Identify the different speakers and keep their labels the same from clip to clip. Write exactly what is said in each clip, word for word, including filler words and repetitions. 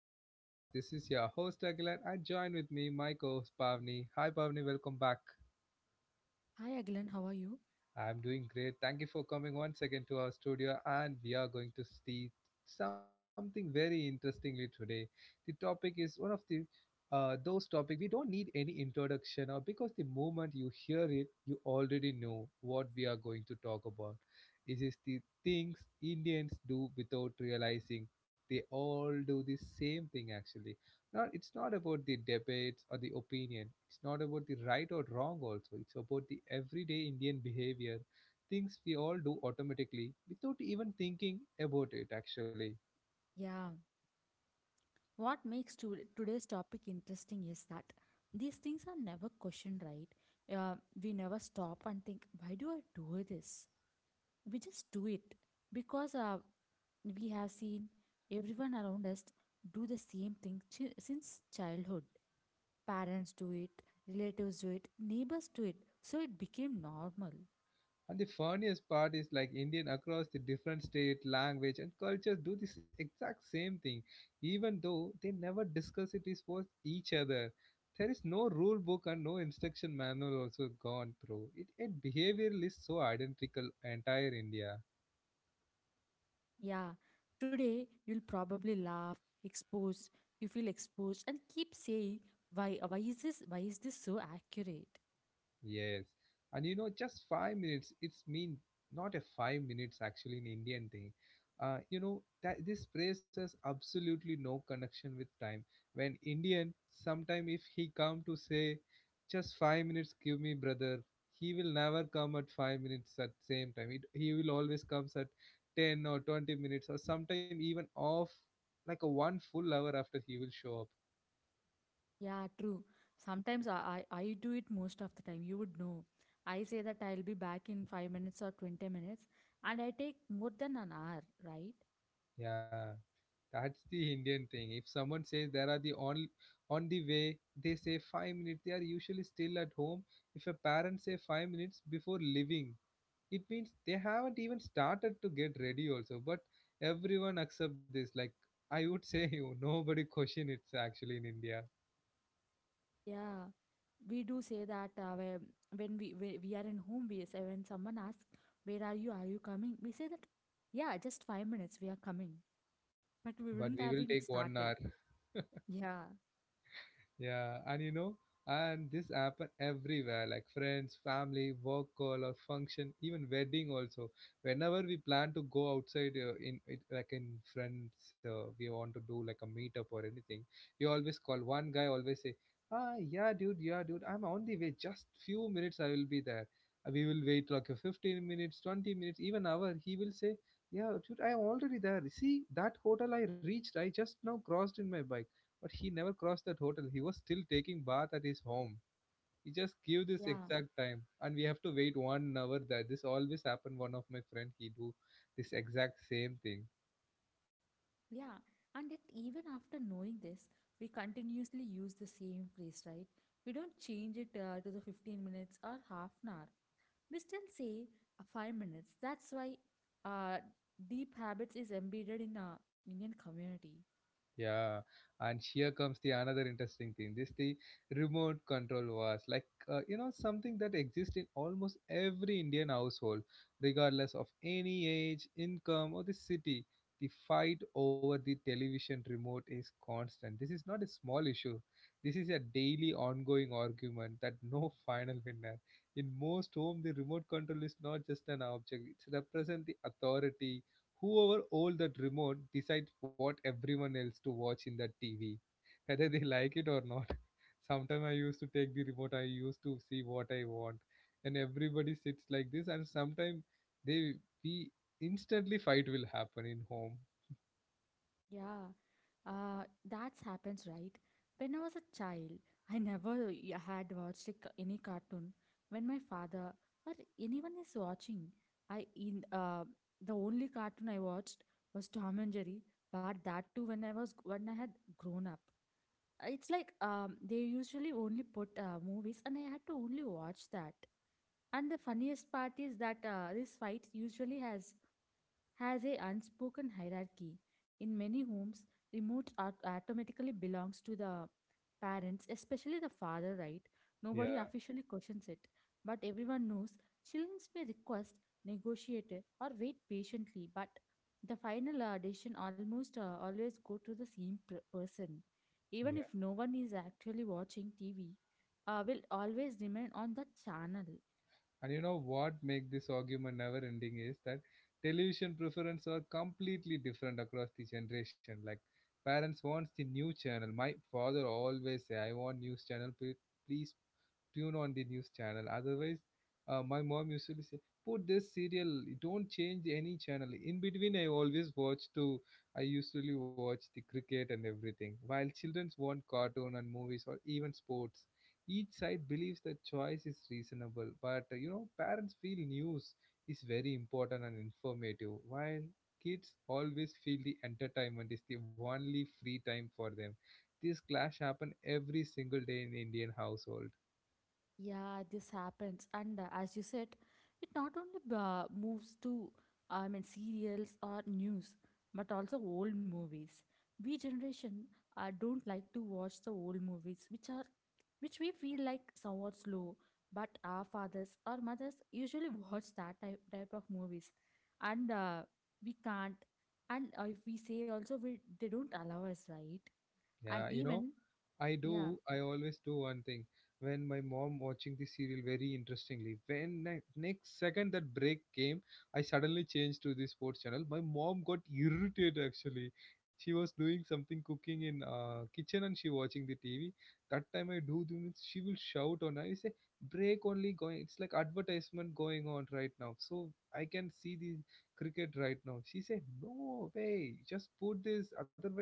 Speaker 1: of my podcast. This is your host Aguilar and join with me my co-host Pavni. Hi Pavni, welcome back.
Speaker 2: Hi Aglan, how are you?
Speaker 1: I'm doing great. Thank you for coming once again to our studio, and we are going to see something very interestingly today. The topic is one of the uh, those topic we don't need any introduction or because the moment you hear it, you already know what we are going to talk about. It is the things Indians do without realizing they all do the same thing actually. Not it's not about the debates or the opinion. It's not about the right or wrong also. It's about the everyday Indian behavior things we all do automatically without even thinking about it actually.
Speaker 2: Yeah, What makes to- today's topic interesting is that these things are never questioned, right? Uh, we never stop and think, why do I do this? We just do it because uh, we have seen everyone around us do the same thing chi- since childhood. Parents do it, relatives do it, neighbors do it, so it became normal.
Speaker 1: And the funniest part is like Indian across the different state language and cultures do this exact same thing, even though they never discuss it is with each other. There is no rule book and no instruction manual also gone through it. It behavior is so identical entire India.
Speaker 2: Yeah, Today you'll probably laugh, expose, you feel exposed, and keep saying, "Why? Why is this? Why is this so accurate?"
Speaker 1: Yes, and you know, just five minutes. It's mean not a five minutes actually in Indian thing. Uh, you know that this phrase has absolutely no connection with time. When Indian, sometime if he come to say, just five minutes, give me brother, he will never come at five minutes at same time. It, he will always comes at ten or twenty minutes or sometime even off like a one full hour after he will show up.
Speaker 2: Yeah, true. Sometimes I, I, I do it most of the time. You would know. I say that I'll be back in five minutes or twenty minutes, and I take more than an hour, right?
Speaker 1: Yeah. That's the Indian thing. If someone says there are the on on the way, they say five minutes. They are usually still at home. If a parent say five minutes before leaving, it means they haven't even started to get ready also. But everyone accept this. Like I would say you, nobody question it actually in India.
Speaker 2: Yeah, we do say that uh, when when we we we are in home base, and when someone asks, "Where are you? Are you coming?" We say that, "Yeah, just five minutes. We are coming," but we
Speaker 1: But
Speaker 2: wouldn't
Speaker 1: we
Speaker 2: have
Speaker 1: will
Speaker 2: been
Speaker 1: take one
Speaker 2: started.
Speaker 1: hour.
Speaker 2: Yeah,
Speaker 1: Yeah, and you know, and this happen everywhere, like friends, family, work call or function, even wedding also. Whenever we plan to go outside, uh, in it, like in friends, uh, we want to do like a meetup or anything, we always call one guy. Always say, "Ah, yeah, dude, yeah, dude, I'm on the way. Just few minutes, I will be there." Uh, We will wait like a fifteen minutes, twenty minutes, even hour. He will say, "Yeah, dude, I'm already there. See that hotel I reached. I just now crossed in my bike." But he never crossed that hotel. He was still taking bath at his home. He just give this
Speaker 2: yeah,
Speaker 1: exact time, and we have to wait one hour. That this always happen. One of my friend, he do this exact same thing.
Speaker 2: yeah. And yet, even after knowing this, we continuously use the same phrase, right? We don't change it uh, to the fifteen minutes or half an hour. We still say uh, five minutes. That's why uh, deep habits is embedded in a Indian community.
Speaker 1: Yeah, and here comes the another interesting thing. This the remote control was like uh, you know something that exists in almost every Indian household, regardless of any age, income, or the city. The fight over the television remote is constant. This is not a small issue. This is a daily ongoing argument that no final winner. In most home, the remote control is not just an object. It represents the authority. Whoever owns that remote decides what everyone else to watch in that T V, whether they like it or not. Sometimes I used to take the remote, I used to see what I want, and everybody sits like this. And sometimes they we instantly fight will happen in home.
Speaker 2: Yeah, uh, that happens, right? When I was a child, I never y- had watched a ca- any cartoon. When my father or anyone is watching, I in uh, the only cartoon I watched was Tom and Jerry. But that too, when I was when I had grown up, it's like um, they usually only put uh, movies, and I had to only watch that. And the funniest part is that uh, this fight usually has has a unspoken hierarchy. In many homes, remote art automatically belongs to the parents, especially the father, right? Nobody
Speaker 1: Yeah,
Speaker 2: officially questions it, but everyone knows children may request, negotiate, or wait patiently, but the final uh, decision almost uh, always go to the same per- person. Even
Speaker 1: yeah.
Speaker 2: if no one is actually watching T V, uh, will always remain on the channel.
Speaker 1: And you know what make this argument never ending is that television preference are completely different across the generation. Like parents wants the new channel. My father always say, "I want news channel. pl- Please tune on the news channel." Otherwise, uh, my mom usually say, "Put this serial. Don't change any channel." In between, I always watch to. I usually watch the cricket and everything. While childrens want cartoon and movies or even sports, each side believes the choice is reasonable. But uh, you know, parents feel news is very important and informative, while kids always feel the entertainment is the only free time for them. This clash happen every single day in Indian household.
Speaker 2: Yeah, this happens, and uh, as you said, it not only uh, moves to I mean serials or news, but also old movies. We generation uh, don't like to watch the old movies, which are which we feel like somewhat slow. But our fathers or mothers usually watch that type type of movies, and uh, we can't. And uh, if we say also, we they don't allow us, right?
Speaker 1: Yeah,
Speaker 2: And
Speaker 1: you know,
Speaker 2: even
Speaker 1: I
Speaker 2: yeah.
Speaker 1: do. I always do one thing. When my mom watching the serial very interestingly, when ne- next second that break came, I suddenly changed to the sports channel. My mom got irritated actually. She was doing something cooking in uh, kitchen and she watching the T V. That time I do the means she will shout on. I say break only going. It's like advertisement going on right now. So I can see the cricket right now. She said no way. Just put this. Otherwise,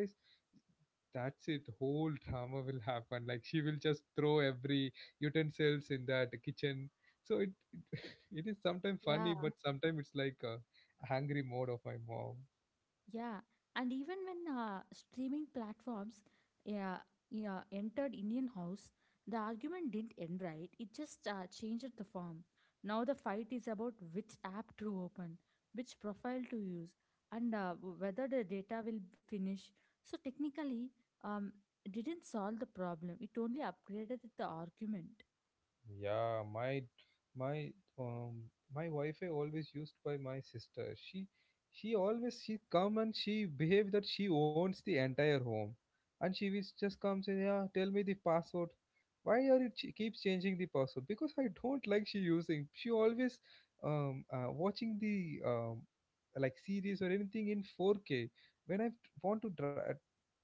Speaker 1: that's it, whole drama will happen like she will just throw every utensils in that kitchen, so it it is sometimes funny
Speaker 2: Yeah,
Speaker 1: but sometimes it's like a angry mode of my mom.
Speaker 2: Yeah, and even when uh, streaming platforms uh, yeah, entered Indian house, the argument didn't end right. It just uh, changed the form. Now the fight is about which app to open, which profile to use, and uh, w- whether the data will finish. So technically, um, it didn't solve the problem. It only upgraded the argument.
Speaker 1: Yeah, my my um, my Wi-Fi always used by my sister. She she always she come and she behave that she owns the entire home, and she will just come say, yeah, tell me the password. Why are you ch- keep changing the password? Because I don't like she using. She always um uh, watching the um like series or anything in four K. When I want to try,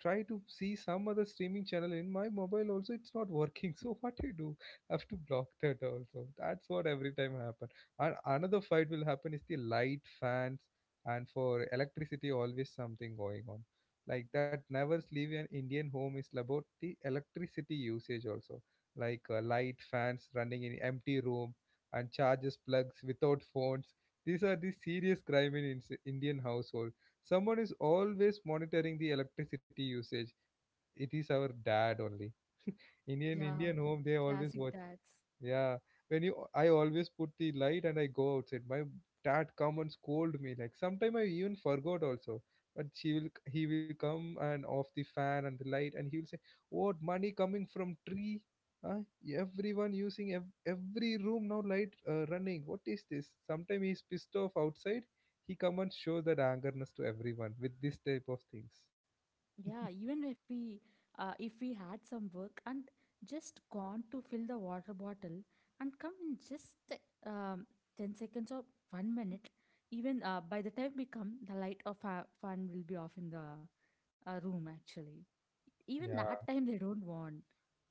Speaker 1: try to see some other streaming channel in my mobile also, it's not working. So what do you do? Have to block that also. That's what every time happen. And another fight will happen is the light fans and for electricity always something going on. Like that never leave an Indian home is about the electricity usage also. Like uh, light fans running in empty room and charges plugs without phones. These are the serious crime in Ins- Indian household. Someone is always monitoring the electricity usage. It is our dad only. Indian
Speaker 2: Yeah,
Speaker 1: Indian home they always
Speaker 2: classic
Speaker 1: watch.
Speaker 2: dads.
Speaker 1: Yeah, when you, I always put the light and I go outside. My dad come and scold me. Like sometime I even forgot also. But she will, he will come and off the fan and the light, and he will say, "What money coming from tree? Huh? Everyone using ev- every room now light uh, running. What is this?" Sometime he's pissed off outside. He come and show that angerness to everyone with this type of things.
Speaker 2: Yeah, even if we uh, if we had some work and just gone to fill the water bottle and come in just um, ten seconds or one minute, even uh, by the time we come, the light of our fan will be off in the uh, room actually. Even
Speaker 1: Yeah.
Speaker 2: that time they don't want.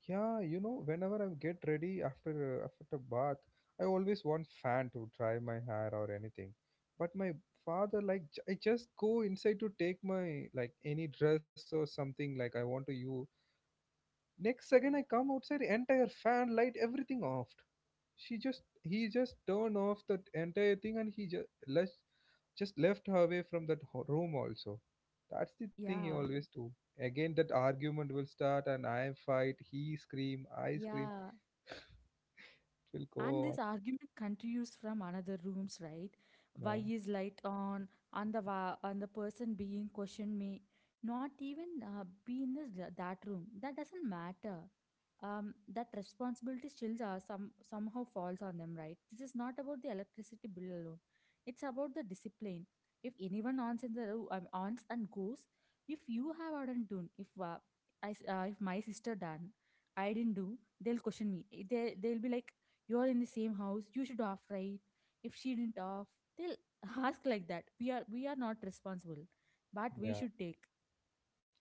Speaker 1: Yeah, you know, whenever I get ready after uh, after a bath, I always want fan to dry my hair or anything. But my father, like, j- I just go inside to take my like any dress or something like I want to use. Next second, I come outside, entire fan, light, everything off. She just he just turned off that entire thing, and he just left just left her away from that ho- room also. That's the thing he
Speaker 2: Yeah,
Speaker 1: always do. Again, that argument will start, and I fight, he scream, I scream
Speaker 2: yeah.
Speaker 1: will
Speaker 2: And this
Speaker 1: go.
Speaker 2: argument continues from another rooms, right? Why
Speaker 1: Yeah,
Speaker 2: is light on and the wa- and the person being questioned may not even uh, be in this, uh, that room. That doesn't matter. Um, that responsibility still uh, some somehow falls on them, right? This is not about the electricity bill alone. It's about the discipline. If anyone ons in the room, um, ons and goes, if you have not done, if uh, I s- uh, if my sister done, I didn't do, they'll question me. Eh, They they'll be like you are in the same house you should off right if she didn't off they'll ask like that we are we are not responsible but we
Speaker 1: yeah.
Speaker 2: should take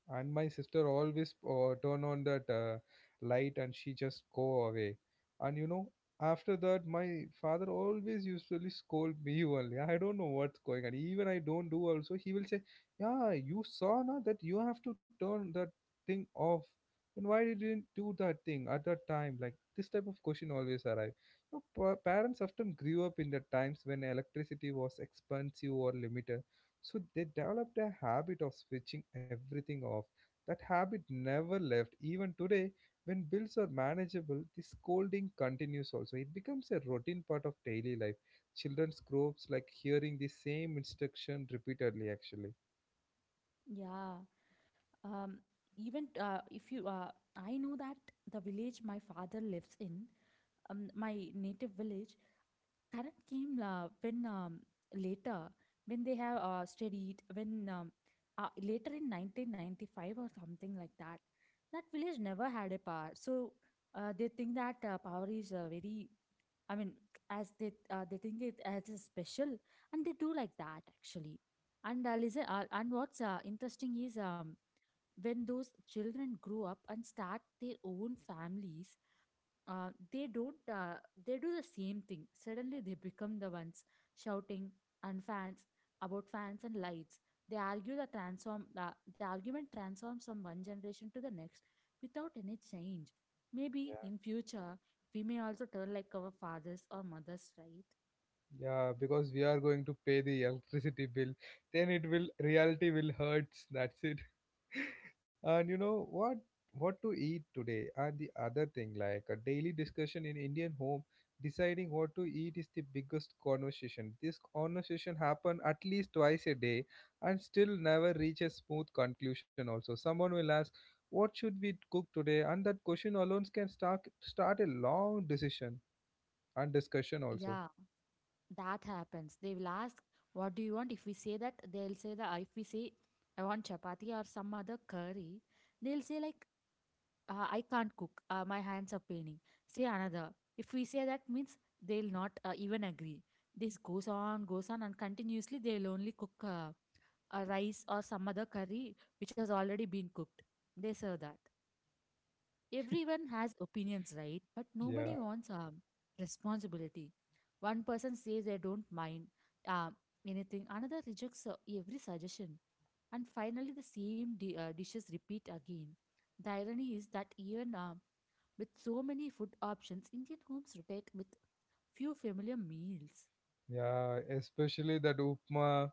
Speaker 1: And my sister always uh, turn on that uh, light and she just go away. And you know after that my father always usually scold me only. I don't know what's going on, even I don't do also. He will say, "Yeah, you saw now that you have to turn that thing off. Then why did you didn't do that thing at that time?" Like this type of question always arrive. You know, pa- parents often grew up in the times when electricity was expensive or limited. So they developed a habit of switching everything off. That habit never left. Even today, when bills are manageable, the scolding continues also. It becomes a routine part of daily life. Children's groups like hearing the same instruction repeatedly, actually.
Speaker 2: yeah. Um even uh, if you uh, I know that the village my father lives in, um, my native village, current came uh, when um, later when they have uh, studied when um, uh, later in nineteen ninety-five or something like that. That village never had a power, so uh, they think that uh, power is uh, very i mean as they uh, they think it as a special, and they do like that actually. And uh, listen uh, and what's uh, interesting is um, when those children grow up and start their own families, uh, they don't uh, they do the same thing. Suddenly they become the ones shouting and fans about fans and lights. They argue the transform uh, the argument transforms from one generation to the next without any change.
Speaker 1: Yeah,
Speaker 2: Maybe in future we may also turn like our fathers or mothers, right?
Speaker 1: yeah, because we are going to pay the electricity bill, then it will reality will hurts. That's it. And you know what what to eat today and the other thing like a daily discussion in Indian home, deciding what to eat is the biggest conversation. This conversation happen at least twice a day and still never reach a smooth conclusion also. Someone will ask what should we cook today, and that question alone can start start a long decision and discussion also.
Speaker 2: Yeah, that happens. They will ask, what do you want? If we say that, they'll say that, if we say I want chapati or some other curry, they'll say like, uh, I can't cook. Uh, my hands are paining. Say another. If we say that means they'll not uh, even agree. This goes on, goes on, and continuously they'll only cook uh, a rice or some other curry which has already been cooked. They serve that. Everyone has opinions, right? But
Speaker 1: Yeah.
Speaker 2: nobody wants um, responsibility. One person says they don't mind uh, anything, another rejects uh, every suggestion. And finally, the same di- uh, dishes repeat again. The irony is that even um, with so many food options, Indian homes rotate with few familiar meals.
Speaker 1: Yeah, especially that upma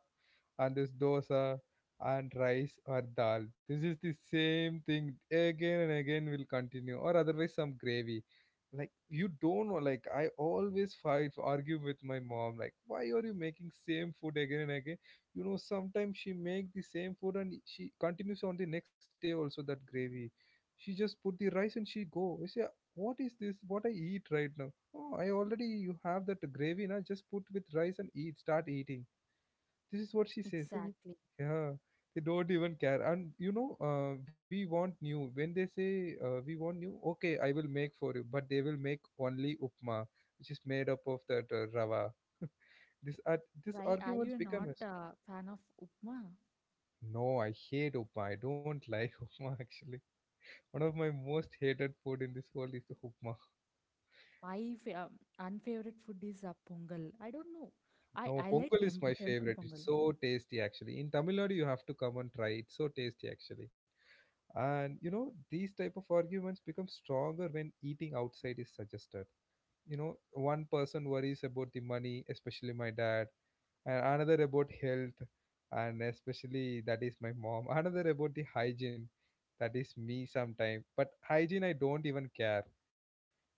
Speaker 1: and this dosa and rice or dal. This is the same thing again and again will continue, or otherwise some gravy. Like you don't know, like I always fight, argue with my mom. Like, why are you making same food again and again? You know, sometimes she make the same food and she continues on the next day also that gravy. She just put the rice and she go. I say, what is this? What I eat right now? Oh, I already you have that gravy na just put with rice and eat start eating. This is what she says. Eh?
Speaker 2: Exactly.
Speaker 1: Yeah, they don't even care. And you know, uh, we want new. When they say uh, we want new, okay, I will make for you, but they will make only upma, which is made up of that uh, rava. this ar this
Speaker 2: Why are
Speaker 1: arguments
Speaker 2: you
Speaker 1: become
Speaker 2: not
Speaker 1: as.
Speaker 2: a fan of upma?
Speaker 1: No, I hate upma. I don't like upma actually. One of my most hated food in this world is the upma.
Speaker 2: My fa- um, unfavorite food is a pongal. I don't know. I,
Speaker 1: No,
Speaker 2: I like
Speaker 1: pongal is
Speaker 2: tem-
Speaker 1: my
Speaker 2: temple
Speaker 1: favorite.
Speaker 2: pongal.
Speaker 1: It's so tasty actually. In Tamil Nadu, you have to come and try. It's so tasty actually. And you know, these type of arguments become stronger when eating outside is suggested. You know, one person worries about the money, especially my dad, and another about health, and especially that is my mom, another about the hygiene. That is me sometime, but hygiene I don't even care.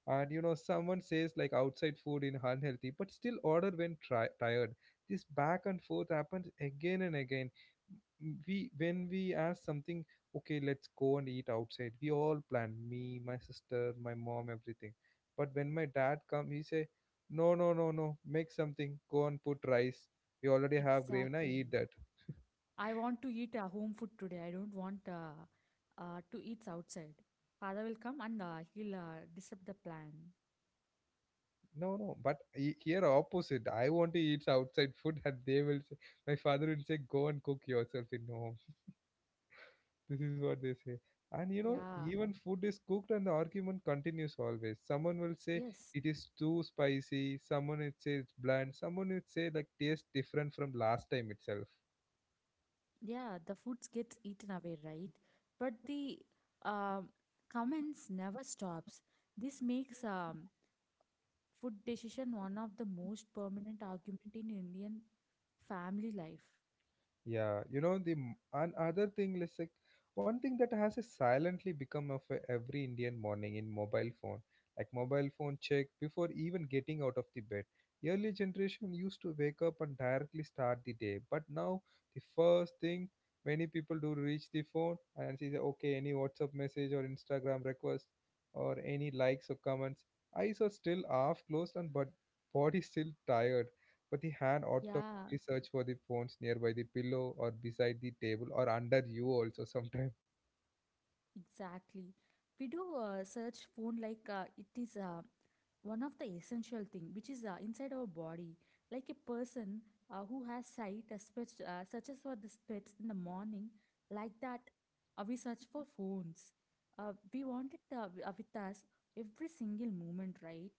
Speaker 1: And you know, someone says like outside food in unhealthy but still order when tri- tired. This back and forth happens again and again. M- we When we ask something, okay, let's go and eat outside, we all plan, me, my sister, my mom, everything. But when my dad come, he say, no, no, no, no, make something. Go and put rice. You already have gravy, na
Speaker 2: Exactly.
Speaker 1: eat that.
Speaker 2: I want to eat a home food today. I don't want uh, uh, to eat outside. Father will come and uh, he'll uh, disrupt the plan.
Speaker 1: No, no, but he- here opposite. I want to eat outside food, and they will say, my father will say, go and cook yourself in home. This is what they say. And you know,
Speaker 2: Yeah.
Speaker 1: even food is cooked, and the argument continues always. Someone will say
Speaker 2: Yes.
Speaker 1: it is too spicy. Someone will say it's bland. Someone will say like tastes different from last time itself.
Speaker 2: Yeah, the foods gets eaten away, right? But the um, comments never stops. This makes um, food decision one of the most permanent argument in Indian family life.
Speaker 1: Yeah, you know the m- and thing, let's like one thing that has silently become of a every Indian morning in mobile phone, like mobile phone check before even getting out of the bed. Early generation used to wake up and directly start the day, but now the first thing many people do reach the phone and see the okay any WhatsApp message or Instagram request or any likes or comments. Eyes are still half closed and but body still tired, but the hand automatically,
Speaker 2: Yeah.
Speaker 1: we search for the phones nearby the pillow or beside the table or under you also sometimes.
Speaker 2: Exactly. We do uh, search phone like uh, it is uh, one of the essential thing which is uh, inside our body. Like a person uh, who has sight uh, search, uh, searches for the pets in the morning. Like that, uh, we search for phones. Uh, we want it uh, w- uh, with us every single moment, right?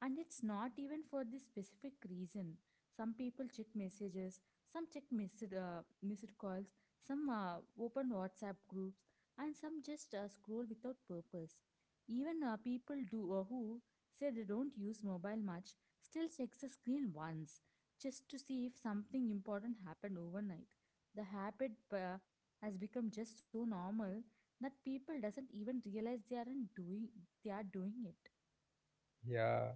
Speaker 2: And it's not even for this specific reason. Some people check messages, some check missed, uh, missed calls, some uh, open WhatsApp groups, and some just uh, scroll without purpose. Even uh, people do uh, who say they don't use mobile much still checks the screen once just to see if something important happened overnight. The habit uh, has become just so normal that people doesn't even realize they aren't doing they are doing it.
Speaker 1: Yeah,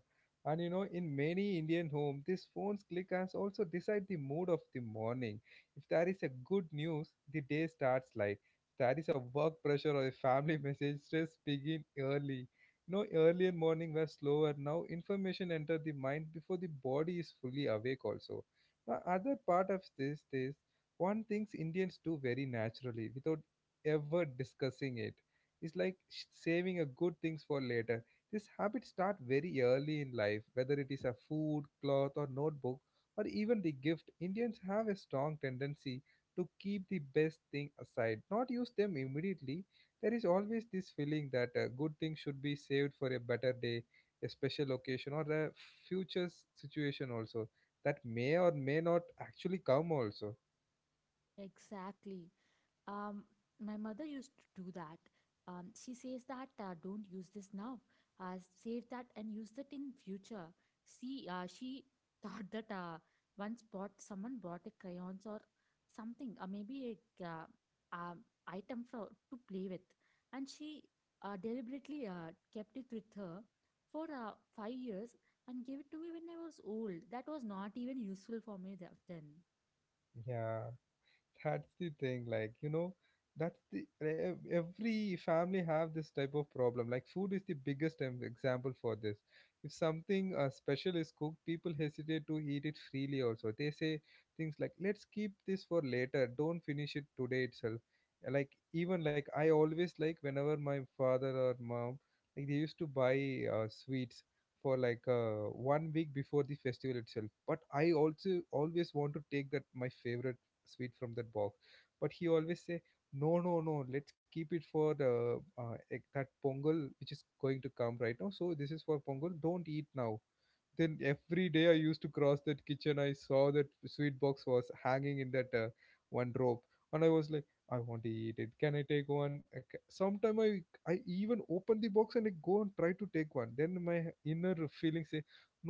Speaker 1: and you know, in many Indian homes, these phone's click has also decide the mood of the morning. If there is a good news, the day starts light. If there is a work pressure or a family message, stress begin early. No, earlier morning were slower. Now information enter the mind before the body is fully awake. Also, now other part of this is one things Indians do very naturally without ever discussing it. It's like sh- saving a good things for later. These habits start very early in life, whether it is a food, cloth, or notebook, or even the gift. Indians have a strong tendency to keep the best thing aside, not use them immediately. There is always this feeling that a good thing should be saved for a better day, a special occasion, or a future s- situation also that may or may not actually come also.
Speaker 2: Exactly. Um, my mother used to do that. Um, she says that uh, don't use this now. Uh, Save that and use it in future. See, uh, she thought that uh, once bought someone bought a crayons or something, or maybe a uh, um, item for to play with, and she uh, deliberately uh, kept it with her for uh, five years and gave it to me when I was old. That was not even useful for me th- then.
Speaker 1: Yeah. That's the thing, like, you know, that's the e-, ev- every family have this type of problem, like food is the biggest em- example for this. If something uh, special is cooked, people hesitate to eat it freely, also they say things like let's keep this for later, don't finish it today itself. Uh, like even like I always like whenever my father or mom, like they used to buy uh, sweets for like uh, one week before the festival itself, but I also always want to take that my favorite sweet from that box, but he always say, no, no, no, let's keep it for the uh, ec- that pongal which is going to come right now, so this is for pongal, don't eat now. Then every day I used to cross that kitchen, I saw that sweet box was hanging in that uh, one rope, and I was like, I want to eat it, can I take one? Okay. Sometime i i even open the box and I go and try to take one, then my inner feeling say,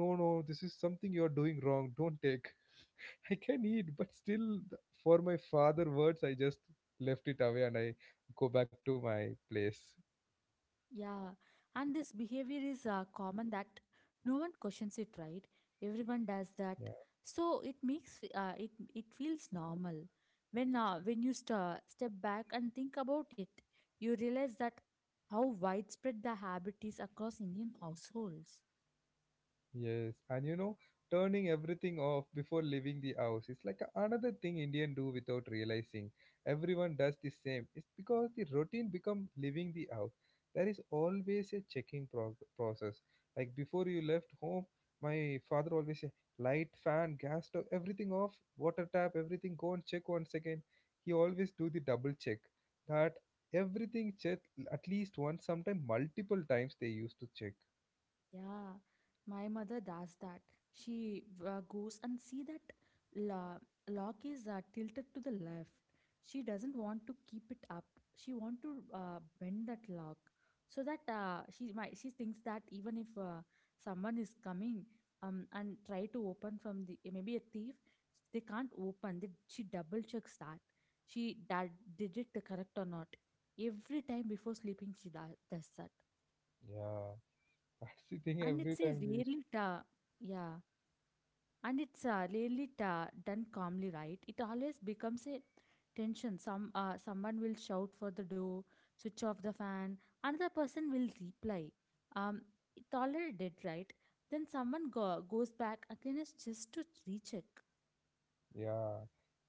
Speaker 1: no, no, this is something you're doing wrong, don't take. I can eat, but still, th- for my father words, I just left it away and I go back to my place.
Speaker 2: Yeah, and this behavior is uh, common that no one questions it, right? Everyone does that, so it makes uh, it it feels normal. When uh, when you sta step back and think about it, you realize that how widespread the habit is across Indian households.
Speaker 1: Yes, and you know, turning everything off before leaving the house is like a- another thing Indian do without realizing. Everyone does the same. It's because the routine become leaving the house. There is always a checking prog- process. Like before you left home, my father always say, light, fan, gas stove, everything off, water tap, everything. Go and check one second. He always do the double check. That everything check at least once, sometimes multiple times they used to check.
Speaker 2: Yeah, my mother does that. She uh, goes and see that lo- lock is uh, tilted to the left. She doesn't want to keep it up. She want to uh, bend that lock so that uh, she might she thinks that even if uh, someone is coming um and try to open from the, maybe a thief, they can't open. They, she double checks that she that did it correct or not every time before sleeping. She da- does that.
Speaker 1: Yeah. That's the thing
Speaker 2: And it's
Speaker 1: every
Speaker 2: a
Speaker 1: time they.
Speaker 2: rarely ta, yeah, and it's uh, rarely ta done calmly, right? It always becomes a tension. Some uh, someone will shout for the door, switch off the fan. Another person will reply, um, it already did, right? Then someone go, goes back again is just to recheck.
Speaker 1: Yeah.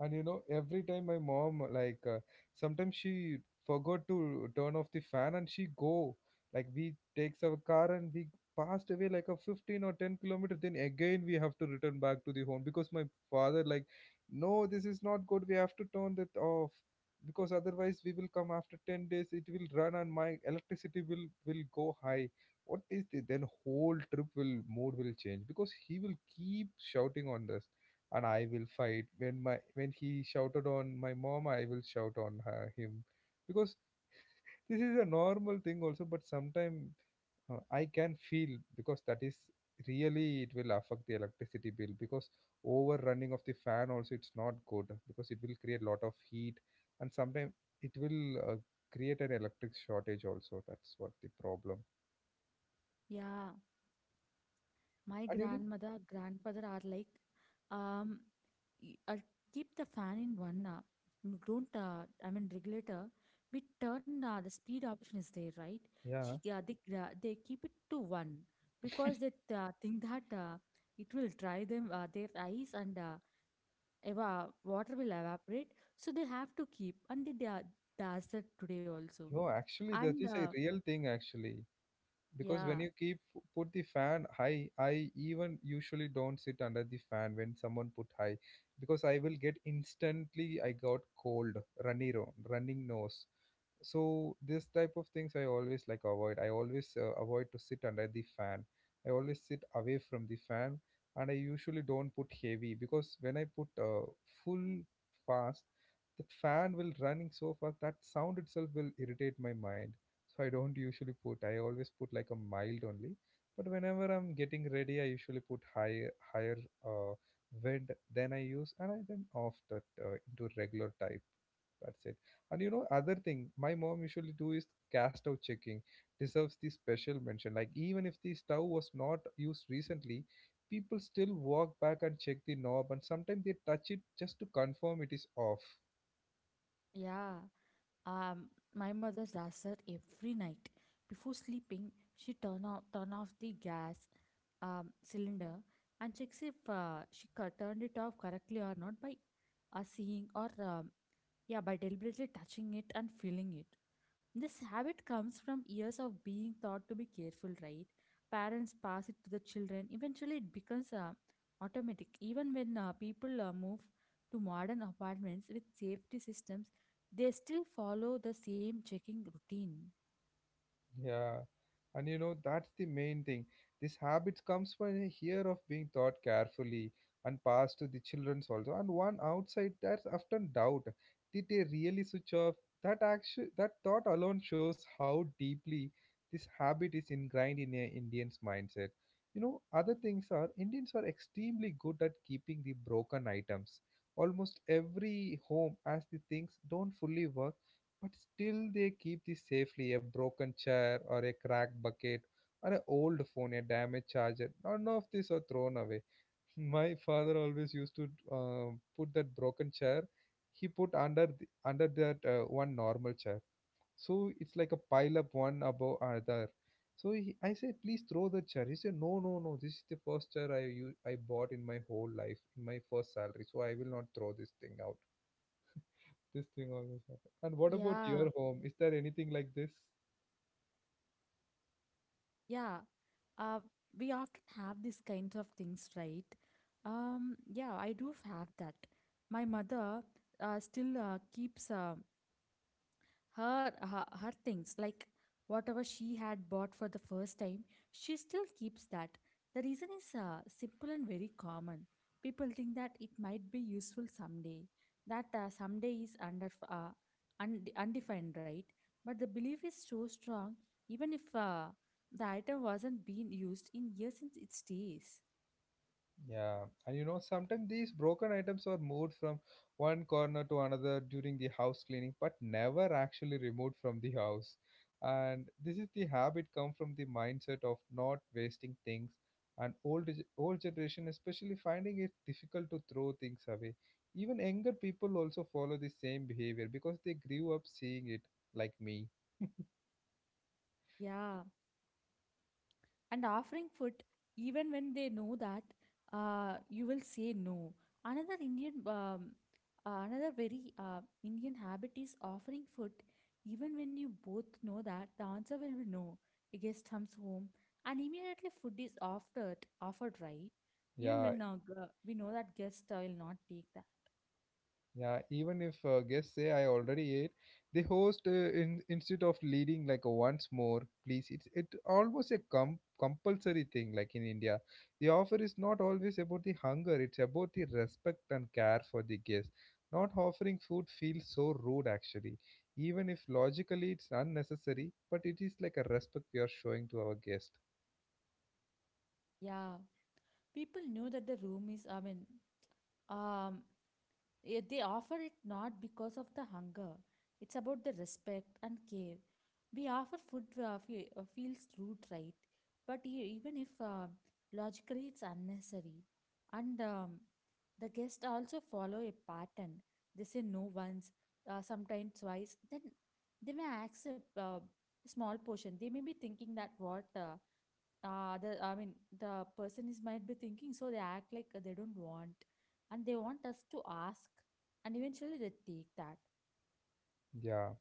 Speaker 1: And you know, every time my mom, like, uh, sometimes she forgot to turn off the fan and she go. Like, we takes our car and we passed away like a fifteen or ten kilometer. Then again, we have to return back to the home because my father, like, no, this is not good. We have to turn that off because otherwise we will come after ten days. It will run and my electricity will, will go high. What is this? Then whole trip will, mood will change because he will keep shouting on this and I will fight. When my when he shouted on my mom, I will shout on her, him, because this is a normal thing also. But sometimes uh, I can feel because that is really it will affect the electricity bill because overrunning of the fan also it's not good because it will create lot of heat, and sometimes it will uh, create an electric shortage also, that's what the problem.
Speaker 2: Yeah, my
Speaker 1: And you know,
Speaker 2: grandmother, grandfather are like, um, y- uh, keep the fan in one uh, n- don't uh, I mean regulator we turn uh, the speed option is there, right? she
Speaker 1: yeah,
Speaker 2: uh, they, uh, they keep it to one because they uh, think that uh, it will dry them uh, their eyes and uh, eva- water will evaporate, so they have to keep and they, they are- does that today also.
Speaker 1: you know actually that
Speaker 2: And
Speaker 1: is
Speaker 2: uh,
Speaker 1: a real thing actually, because when
Speaker 2: yeah,
Speaker 1: you keep put the fan high, I even usually don't sit under the fan when someone put high, because I will get instantly, I got cold, runny ro- running nose. So this type of things I always like avoid, I always uh, avoid to sit under the fan. I always sit away from the fan, and I usually don't put heavy, because when I put uh, full fast, that fan will running so fast that sound itself will irritate my mind. So I don't usually put, I always put like a mild only, but whenever I'm getting ready I usually put higher higher uh, wind, then I use, and I then off that uh, into regular type, that's it. And you know, other thing my mom usually do is cast out checking. Deserves the special mention. Like even if the stove was not used recently, people still walk back and check the knob, and sometimes they touch it just to confirm it is off.
Speaker 2: yeah. Um, my mother does that every night. Before sleeping, she turn off turn off the gas um, cylinder and checks if uh, she cu- turned it off correctly or not by uh, seeing or um, yeah, by deliberately touching it and feeling it. This habit comes from years of being taught to be careful, right? Parents pass it to the children. Eventually, it becomes uh, automatic. Even when uh, people uh, move to modern apartments with safety systems, they still follow the same checking routine.
Speaker 1: Yeah, and you know that's the main thing. This habit comes from here of being taught carefully and passed to the children also. And one outside that's often doubt: did they really switch off? That actually that thought alone shows how deeply this habit is ingrained in a Indian's mindset. You know, other things are Indians are extremely good at keeping the broken items. Almost every home, as the things don't fully work but still they keep this safely, a broken chair or a cracked bucket or an old phone, a damaged charger, none of these are thrown away. My father always used to uh, put that broken chair, he put under th- under that uh, one normal chair, so it's like a pile up one above another. So he, I said please throw the chair, he said no, no, no, this is the first chair i u- i bought in my whole life in my first salary, so I will not throw this thing out. This thing always happens. And what about
Speaker 2: Yeah,
Speaker 1: your home? Is there anything like this?
Speaker 2: yeah. Uh, we often have these kinds of things, right? Um, yeah, I do have that. My mother uh, still uh, keeps. Uh, Her, her her things, like whatever she had bought for the first time, she still keeps that. The reason is uh, simple and very common. People think that it might be useful someday. That uh, someday is under uh, und- undefined, right? But the belief is so strong, even if uh, the item wasn't being used in years, since it stays.
Speaker 1: Yeah. and you know, sometimes these broken items are moved from one corner to another during the house cleaning, but never actually removed from the house. And this is the habit come from the mindset of not wasting things. And old ge- old generation especially finding it difficult to throw things away. Even younger people also follow the same behavior because they grew up seeing it like me.
Speaker 2: Yeah. And offering food, even when they know that uh, you will say no. Another Indian, um, uh, another very uh, Indian habit is offering food even when you both know that the answer will be no. A guest comes home and immediately food is offered, offered right? Even
Speaker 1: Yeah,
Speaker 2: when now uh, g- we know that guest uh, will not take that.
Speaker 1: Yeah, even if uh, guests say I already ate, they host uh, in, instead of leading like a once more, please. It's it almost a com- compulsory thing like in India. The offer is not always about the hunger, it's about the respect and care for the guest. Not offering food feels so rude actually. Even if logically it's unnecessary, but it is like a respect we are showing to our guest.
Speaker 2: Yeah, people know that the room is. I mean, um, yeah, they offer it not because of the hunger, it's about the respect and care. We offer food uh, fe- uh, feels rude, right? But e- even if uh, logically it's unnecessary, and um, the guests also follow a pattern. They say no once, uh, sometimes twice. Then they may accept uh, small portion. They may be thinking that what uh, uh, the I mean the person is might be thinking, so they act like uh, they don't want and they want us to ask, and eventually they take that.
Speaker 1: Yeah.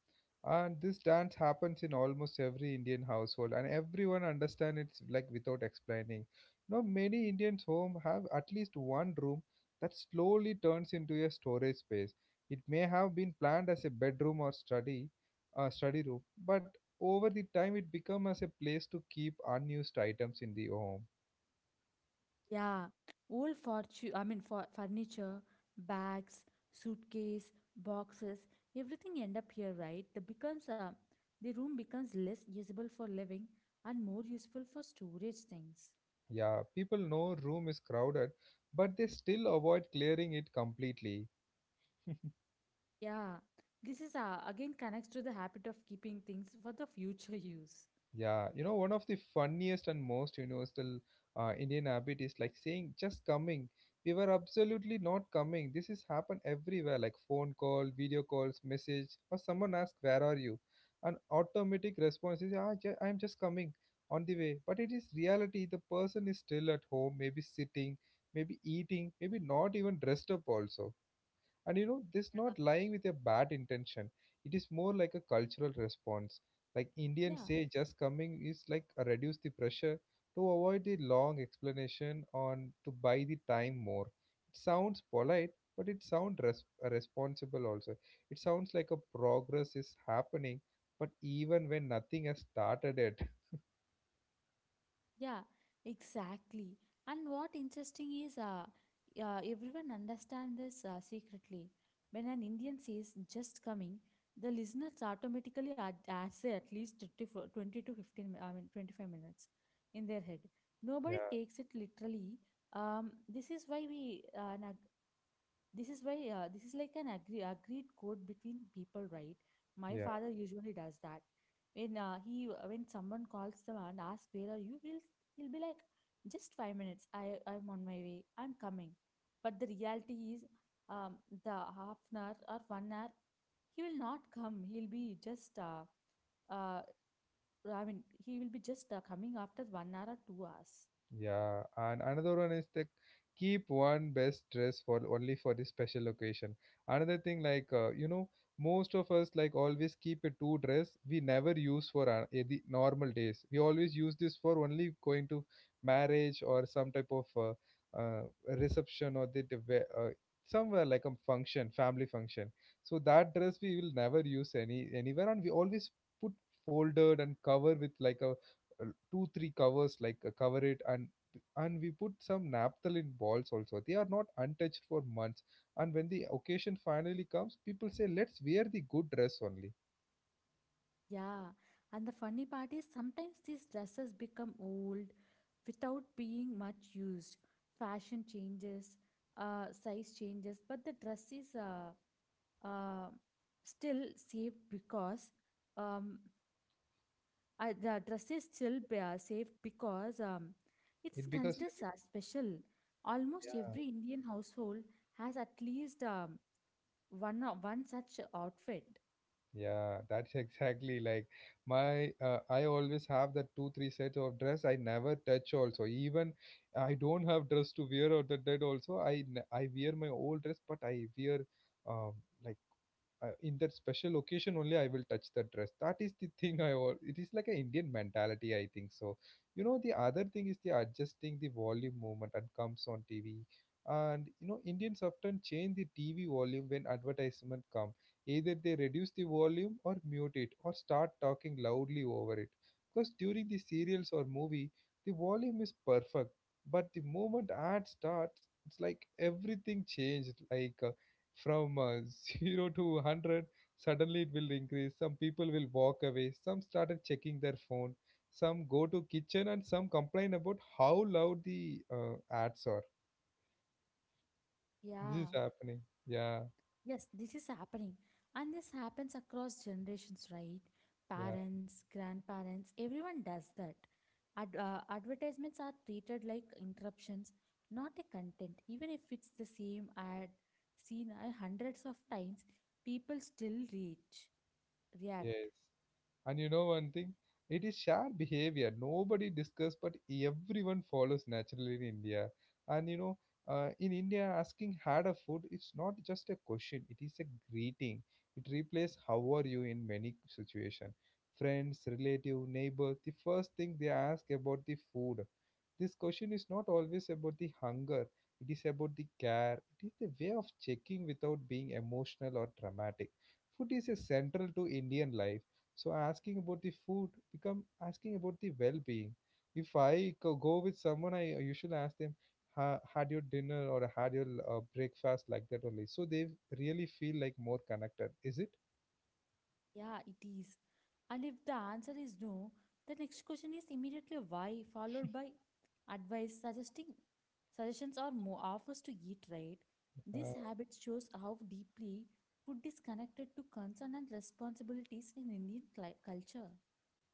Speaker 1: And this dance happens in almost every Indian household and everyone understands it's like without explaining. You know, many Indians home have at least one room that slowly turns into a storage space. It may have been planned as a bedroom or study, uh, study room, but over the time it becomes as a place to keep unused items in the home.
Speaker 2: Yeah, old fortune, I mean, for furniture, bags, suitcase, boxes, everything end up here, right? The becomes uh, the room becomes less usable for living and more useful for storage things.
Speaker 1: Yeah, people know room is crowded, but they still avoid clearing it completely.
Speaker 2: Yeah, this is uh, again connects to the habit of keeping things for the future use.
Speaker 1: Yeah, you know, one of the funniest and most universal uh, Indian habit is like saying just coming. We were absolutely not coming. This has happened everywhere, like phone call, video calls, message, or someone asks, "Where are you?" An automatic response is, "Ah, ju- I'm just coming on the way." But it is reality. The person is still at home, maybe sitting, maybe eating, maybe not even dressed up also. And you know, this not lying with a bad intention. It is more like a cultural response. Like
Speaker 2: Yeah.
Speaker 1: Indians say, just coming is like a reduce the pressure to avoid the long explanation on to buy the time more. It sounds polite, but it sounds res- responsible also. It sounds like a progress is happening, but even when nothing has started it.
Speaker 2: Yeah, exactly. And what interesting is, uh, uh, everyone understand this uh, secretly. When an Indian says "just coming," the listeners automatically ad- ad- say at least twenty, fo- twenty to fifteen. mi- I mean, twenty-five minutes in their head.
Speaker 1: Yeah,
Speaker 2: Nobody takes it literally. Um, this is why we uh, an ag- this is why uh, this is like an agree, agreed code between people, right? My
Speaker 1: yeah.
Speaker 2: father usually does that. When uh, he when someone calls them and asks where are you, he'll you'll be like, just five minutes. I I'm on my way. I'm coming. But the reality is, um, the half an hour or one hour, he will not come. He'll be just uh, uh, I mean, he will be just uh, coming after one hour or two hours.
Speaker 1: Yeah, and another one is like keep one best dress for only for this special occasion. Another thing like uh, you know most of us like always keep a two dress we never use for uh, the normal days. We always use this for only going to marriage or some type of uh, uh, reception or the the we- uh, somewhere like a function, family function. So that dress we will never use any anywhere, and we always put folded and cover with like a uh, two three covers like uh, cover it and and we put some naphthalene balls also. They are not untouched for months, and when the occasion finally comes people say let's wear the good dress only
Speaker 2: Yeah, and the funny part is sometimes these dresses become old without being much used. Fashion changes, uh, size changes, but the dress is uh, uh, still safe because um, uh, the dress is still b- uh, safe because um, it's
Speaker 1: it because
Speaker 2: considered
Speaker 1: like.
Speaker 2: sa- special. Almost
Speaker 1: Yeah,
Speaker 2: every Indian household has at least um, one o- one such outfit.
Speaker 1: yeah that's exactly like my uh, I always have that two three sets of dress I never touch also. Even I don't have dress to wear or that that also i n- I wear my old dress, but I wear um like I, in that special occasion only I will touch the dress. That is the thing I all. It is like an Indian mentality, I think so. You know, the other thing is the adjusting the volume movement and comes on T V. And you know, Indians often change the T V volume when advertisement come. Either they reduce the volume or mute it or start talking loudly over it. Because during the serials or movie, the volume is perfect, but the moment ad starts, it's like everything changed. Like from uh, zero to one hundred suddenly it will increase. Some people will walk away, some started checking their phone, some go to kitchen, and some complain about how loud the uh, ads are. This is
Speaker 2: Yeah.
Speaker 1: happening, yeah
Speaker 2: Yes, this is happening. And this happens across generations, right?
Speaker 1: yeah
Speaker 2: Parents, grandparents, everyone does that. Ad- uh, advertisements are treated like interruptions, not a content. Even if it's the same ad seen uh, hundreds of times, people still reach, react.
Speaker 1: yes And you know one thing? It is shared behavior. Nobody discuss, but everyone follows naturally in India. And you know, uh, in India, asking had a food, it's not just a question, it is a greeting. It replaces how are you in many situation. Friends, relative, neighbors, the first thing they ask about the food. This question is not always about the hunger, it is about the care. It is the way of checking without being emotional or dramatic. Food is a central to Indian life so asking about the food become asking about the well-being. If I go go with someone, I usually ask them, "Ha- "Had your dinner or had your uh, breakfast?" Like that only. So they really feel like more connected. Is it?
Speaker 2: Yeah, it is. And if the answer is no, the next question is immediately why, followed by advice suggesting suggestions or more offers to eat, right?
Speaker 1: Uh,
Speaker 2: This habit shows how deeply food is connected to concern and responsibilities in Indian cli- culture.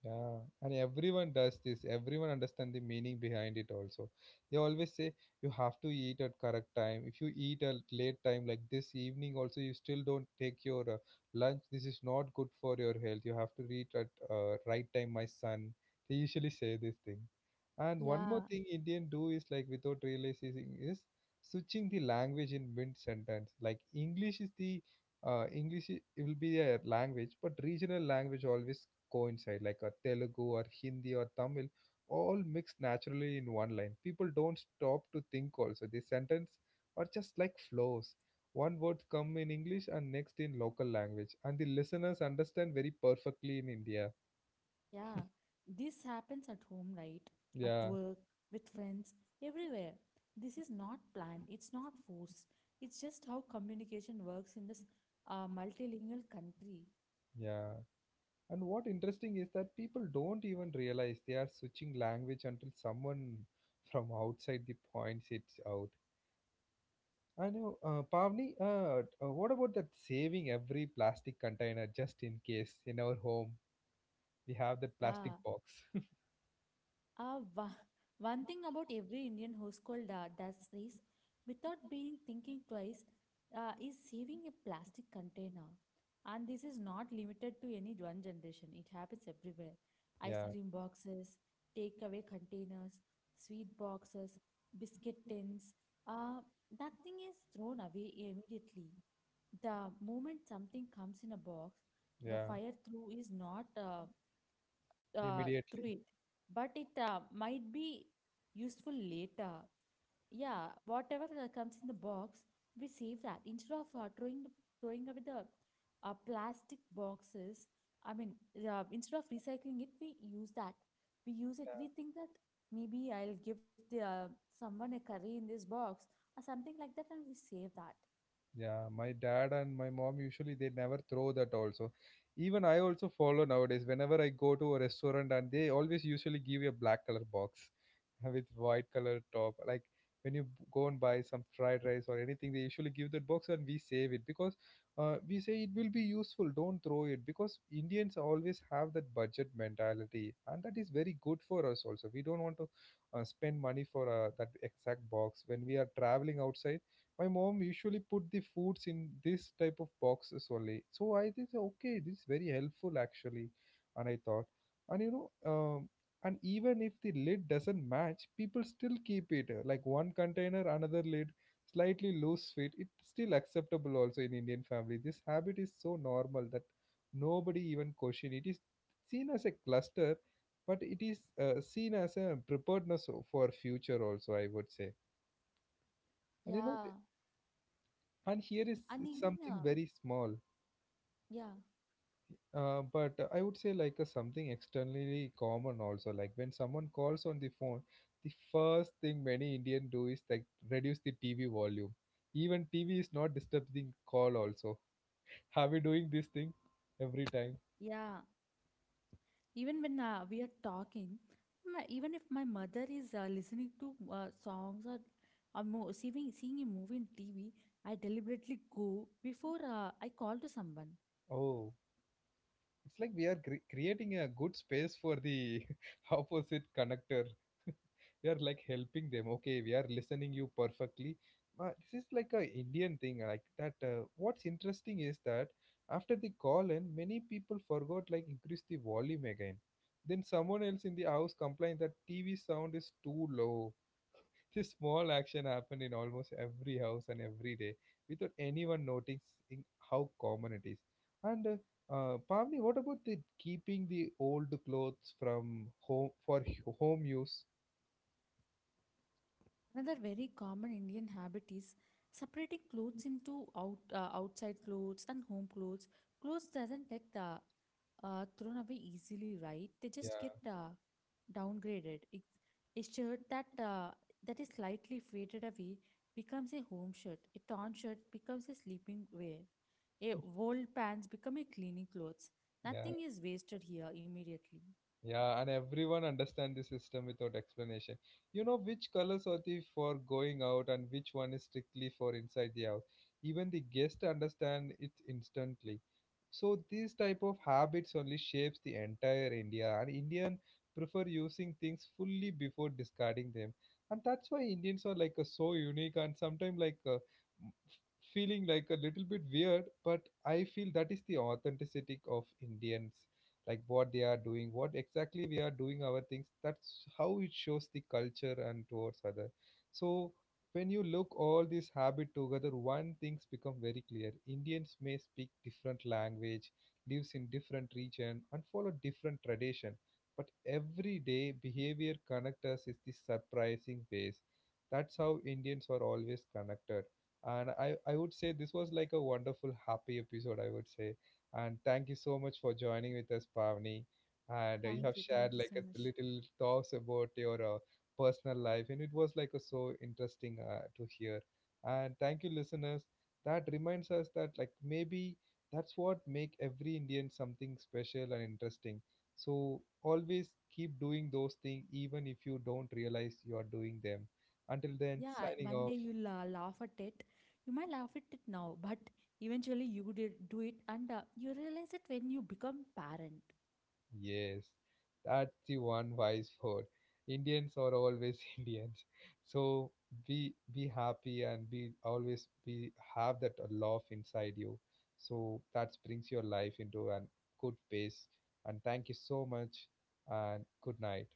Speaker 1: Yeah, and everyone does this. Everyone understand the meaning behind it also. They always say you have to eat at correct time. If you eat at late time like this evening also, you still don't take your uh, lunch. This is not good for your health. You have to eat at uh, right time, my son. They usually say this thing. And one more
Speaker 2: Yeah,
Speaker 1: thing Indian do is like without realizing is switching the language in mid sentence. Like English is the uh, English i- it will be a language, but regional language always coincide, like a Telugu or Hindi or Tamil, all mixed naturally in one line. People don't stop to think also. The sentence are just like flows. One word come in English and next in local language, and the listeners understand very perfectly in India.
Speaker 2: yeah. This happens at home, right? At
Speaker 1: Yeah,
Speaker 2: work, with friends, everywhere. This is not planned, it's not forced. It's just how communication works in this uh, multilingual country.
Speaker 1: yeah. And what interesting is that people don't even realize they are switching language until someone from outside the points it out. I know, uh, Pavni, uh, t- uh, what about that saving every plastic container just in case? In our home we have that
Speaker 2: Yeah.
Speaker 1: plastic box?
Speaker 2: Uh, wa- One thing about every Indian household uh, does is, without being thinking twice, uh, is saving a plastic container. And this is not limited to any one generation. It happens everywhere. Ice
Speaker 1: Yeah,
Speaker 2: cream boxes, takeaway containers, sweet boxes, biscuit tins. Uh, Nothing is thrown away immediately. The moment something comes in a box, the
Speaker 1: yeah,
Speaker 2: fire through is not uh, uh,
Speaker 1: immediately.
Speaker 2: through it, but it uh, might be useful later. Yeah, whatever uh, comes in the box, we save that instead of uh, throwing the, throwing away the uh, plastic boxes. I mean, uh, instead of recycling it, we use that. We use it.
Speaker 1: Yeah.
Speaker 2: We think that maybe I'll give the uh, someone a curry in this box or something like that, and we save that.
Speaker 1: Yeah, my dad and my mom usually they never throw that also. Even I also follow nowadays. Whenever I go to a restaurant and they always usually give you a black color box with white color top. Like when you b- go and buy some fried rice or anything, they usually give that box and we save it because uh, we say it will be useful. Don't throw it because Indians always have that budget mentality and that is very good for us also. We don't want to uh, spend money for uh, that exact box. When we are traveling outside, my mom usually put the foods in this type of boxes only, so I think okay, this is very helpful actually. And I thought, and you know um, and even if the lid doesn't match people still keep it uh, like one container another lid slightly loose fit. It's still acceptable also in Indian family. This habit is so normal that nobody even question it. Is seen as a cluster, but it is uh, seen as a preparedness o- for future also, I would say. And you know,
Speaker 2: Yeah.
Speaker 1: and here is
Speaker 2: And
Speaker 1: it's
Speaker 2: even
Speaker 1: something
Speaker 2: uh,
Speaker 1: very small,
Speaker 2: yeah.
Speaker 1: uh, but uh, I would say like a something externally common also, like when someone calls on the phone the first thing many Indian do is like reduce the TV volume, even TV is not disturbing call also. Have you doing this thing every time?
Speaker 2: Yeah, even when uh, we are talking, my, even if my mother is uh, listening to uh, songs or or mo- seeing, seeing a movie in T V, I deliberately go before uh, I call to someone.
Speaker 1: Oh, it's like we are cre- creating a good space for the opposite connector. We are like helping them. Okay, we are listening you perfectly. But this is like a Indian thing like that. Uh, what's interesting is that after the call in, many people forgot like increase the volume again. Then someone else in the house complained that T V sound is too low. This small action happened in almost every house and every day without anyone noticing how common it is. And uh, uh, Pavni, what about the keeping the old clothes from home for h- home use?
Speaker 2: Another very common Indian habit is separating clothes into out, uh, outside clothes and home clothes. Clothes doesn't get uh, uh, thrown away easily, right? They
Speaker 1: Yeah,
Speaker 2: just get uh, downgraded. It's a shirt that uh, that is slightly faded away becomes a home shirt. A torn shirt becomes a sleeping wear. A old pants become a cleaning clothes.
Speaker 1: yeah.
Speaker 2: Nothing is wasted here immediately.
Speaker 1: Yeah, and everyone understand the system without explanation. You know which colors are the for going out and which one is strictly for inside the house. Even the guest understand it instantly. So these type of habits only shapes the entire India, and Indian prefer using things fully before discarding them. And that's why Indians are like a, so unique and sometimes like uh, m- feeling like a little bit weird, but I feel that is the authenticity of Indians like what they are doing, what exactly we are doing our things. That's how it shows the culture and towards other. So when you look all this habit together, one things become very clear. Indians may speak different language, lives in different region and follow different tradition, but everyday behavior connect us is the surprising ways. That's how Indians are always connected. And i i would say this was like a wonderful happy episode, I would say. And thank you so much for joining with us, Pavni. And uh, you
Speaker 2: Thank
Speaker 1: have
Speaker 2: you. Thank
Speaker 1: shared
Speaker 2: you
Speaker 1: like
Speaker 2: so
Speaker 1: a
Speaker 2: much.
Speaker 1: little talks about your uh, personal life, and it was like a, so interesting uh, to hear. And thank you, listeners. That reminds us that like maybe that's what make every Indian something special and interesting. So always keep doing those things, even if you don't realize you are doing them. Until then,
Speaker 2: Yeah,
Speaker 1: signing
Speaker 2: one day
Speaker 1: off.
Speaker 2: you'll uh, laugh at it. You might laugh at it now, but eventually you did do it, and uh, you realize it when you become parent.
Speaker 1: Yes, that's the one wise word. Indians are always Indians. So be be happy and be always be have that love inside you. So that brings your life into a good pace. And thank you so much and good night.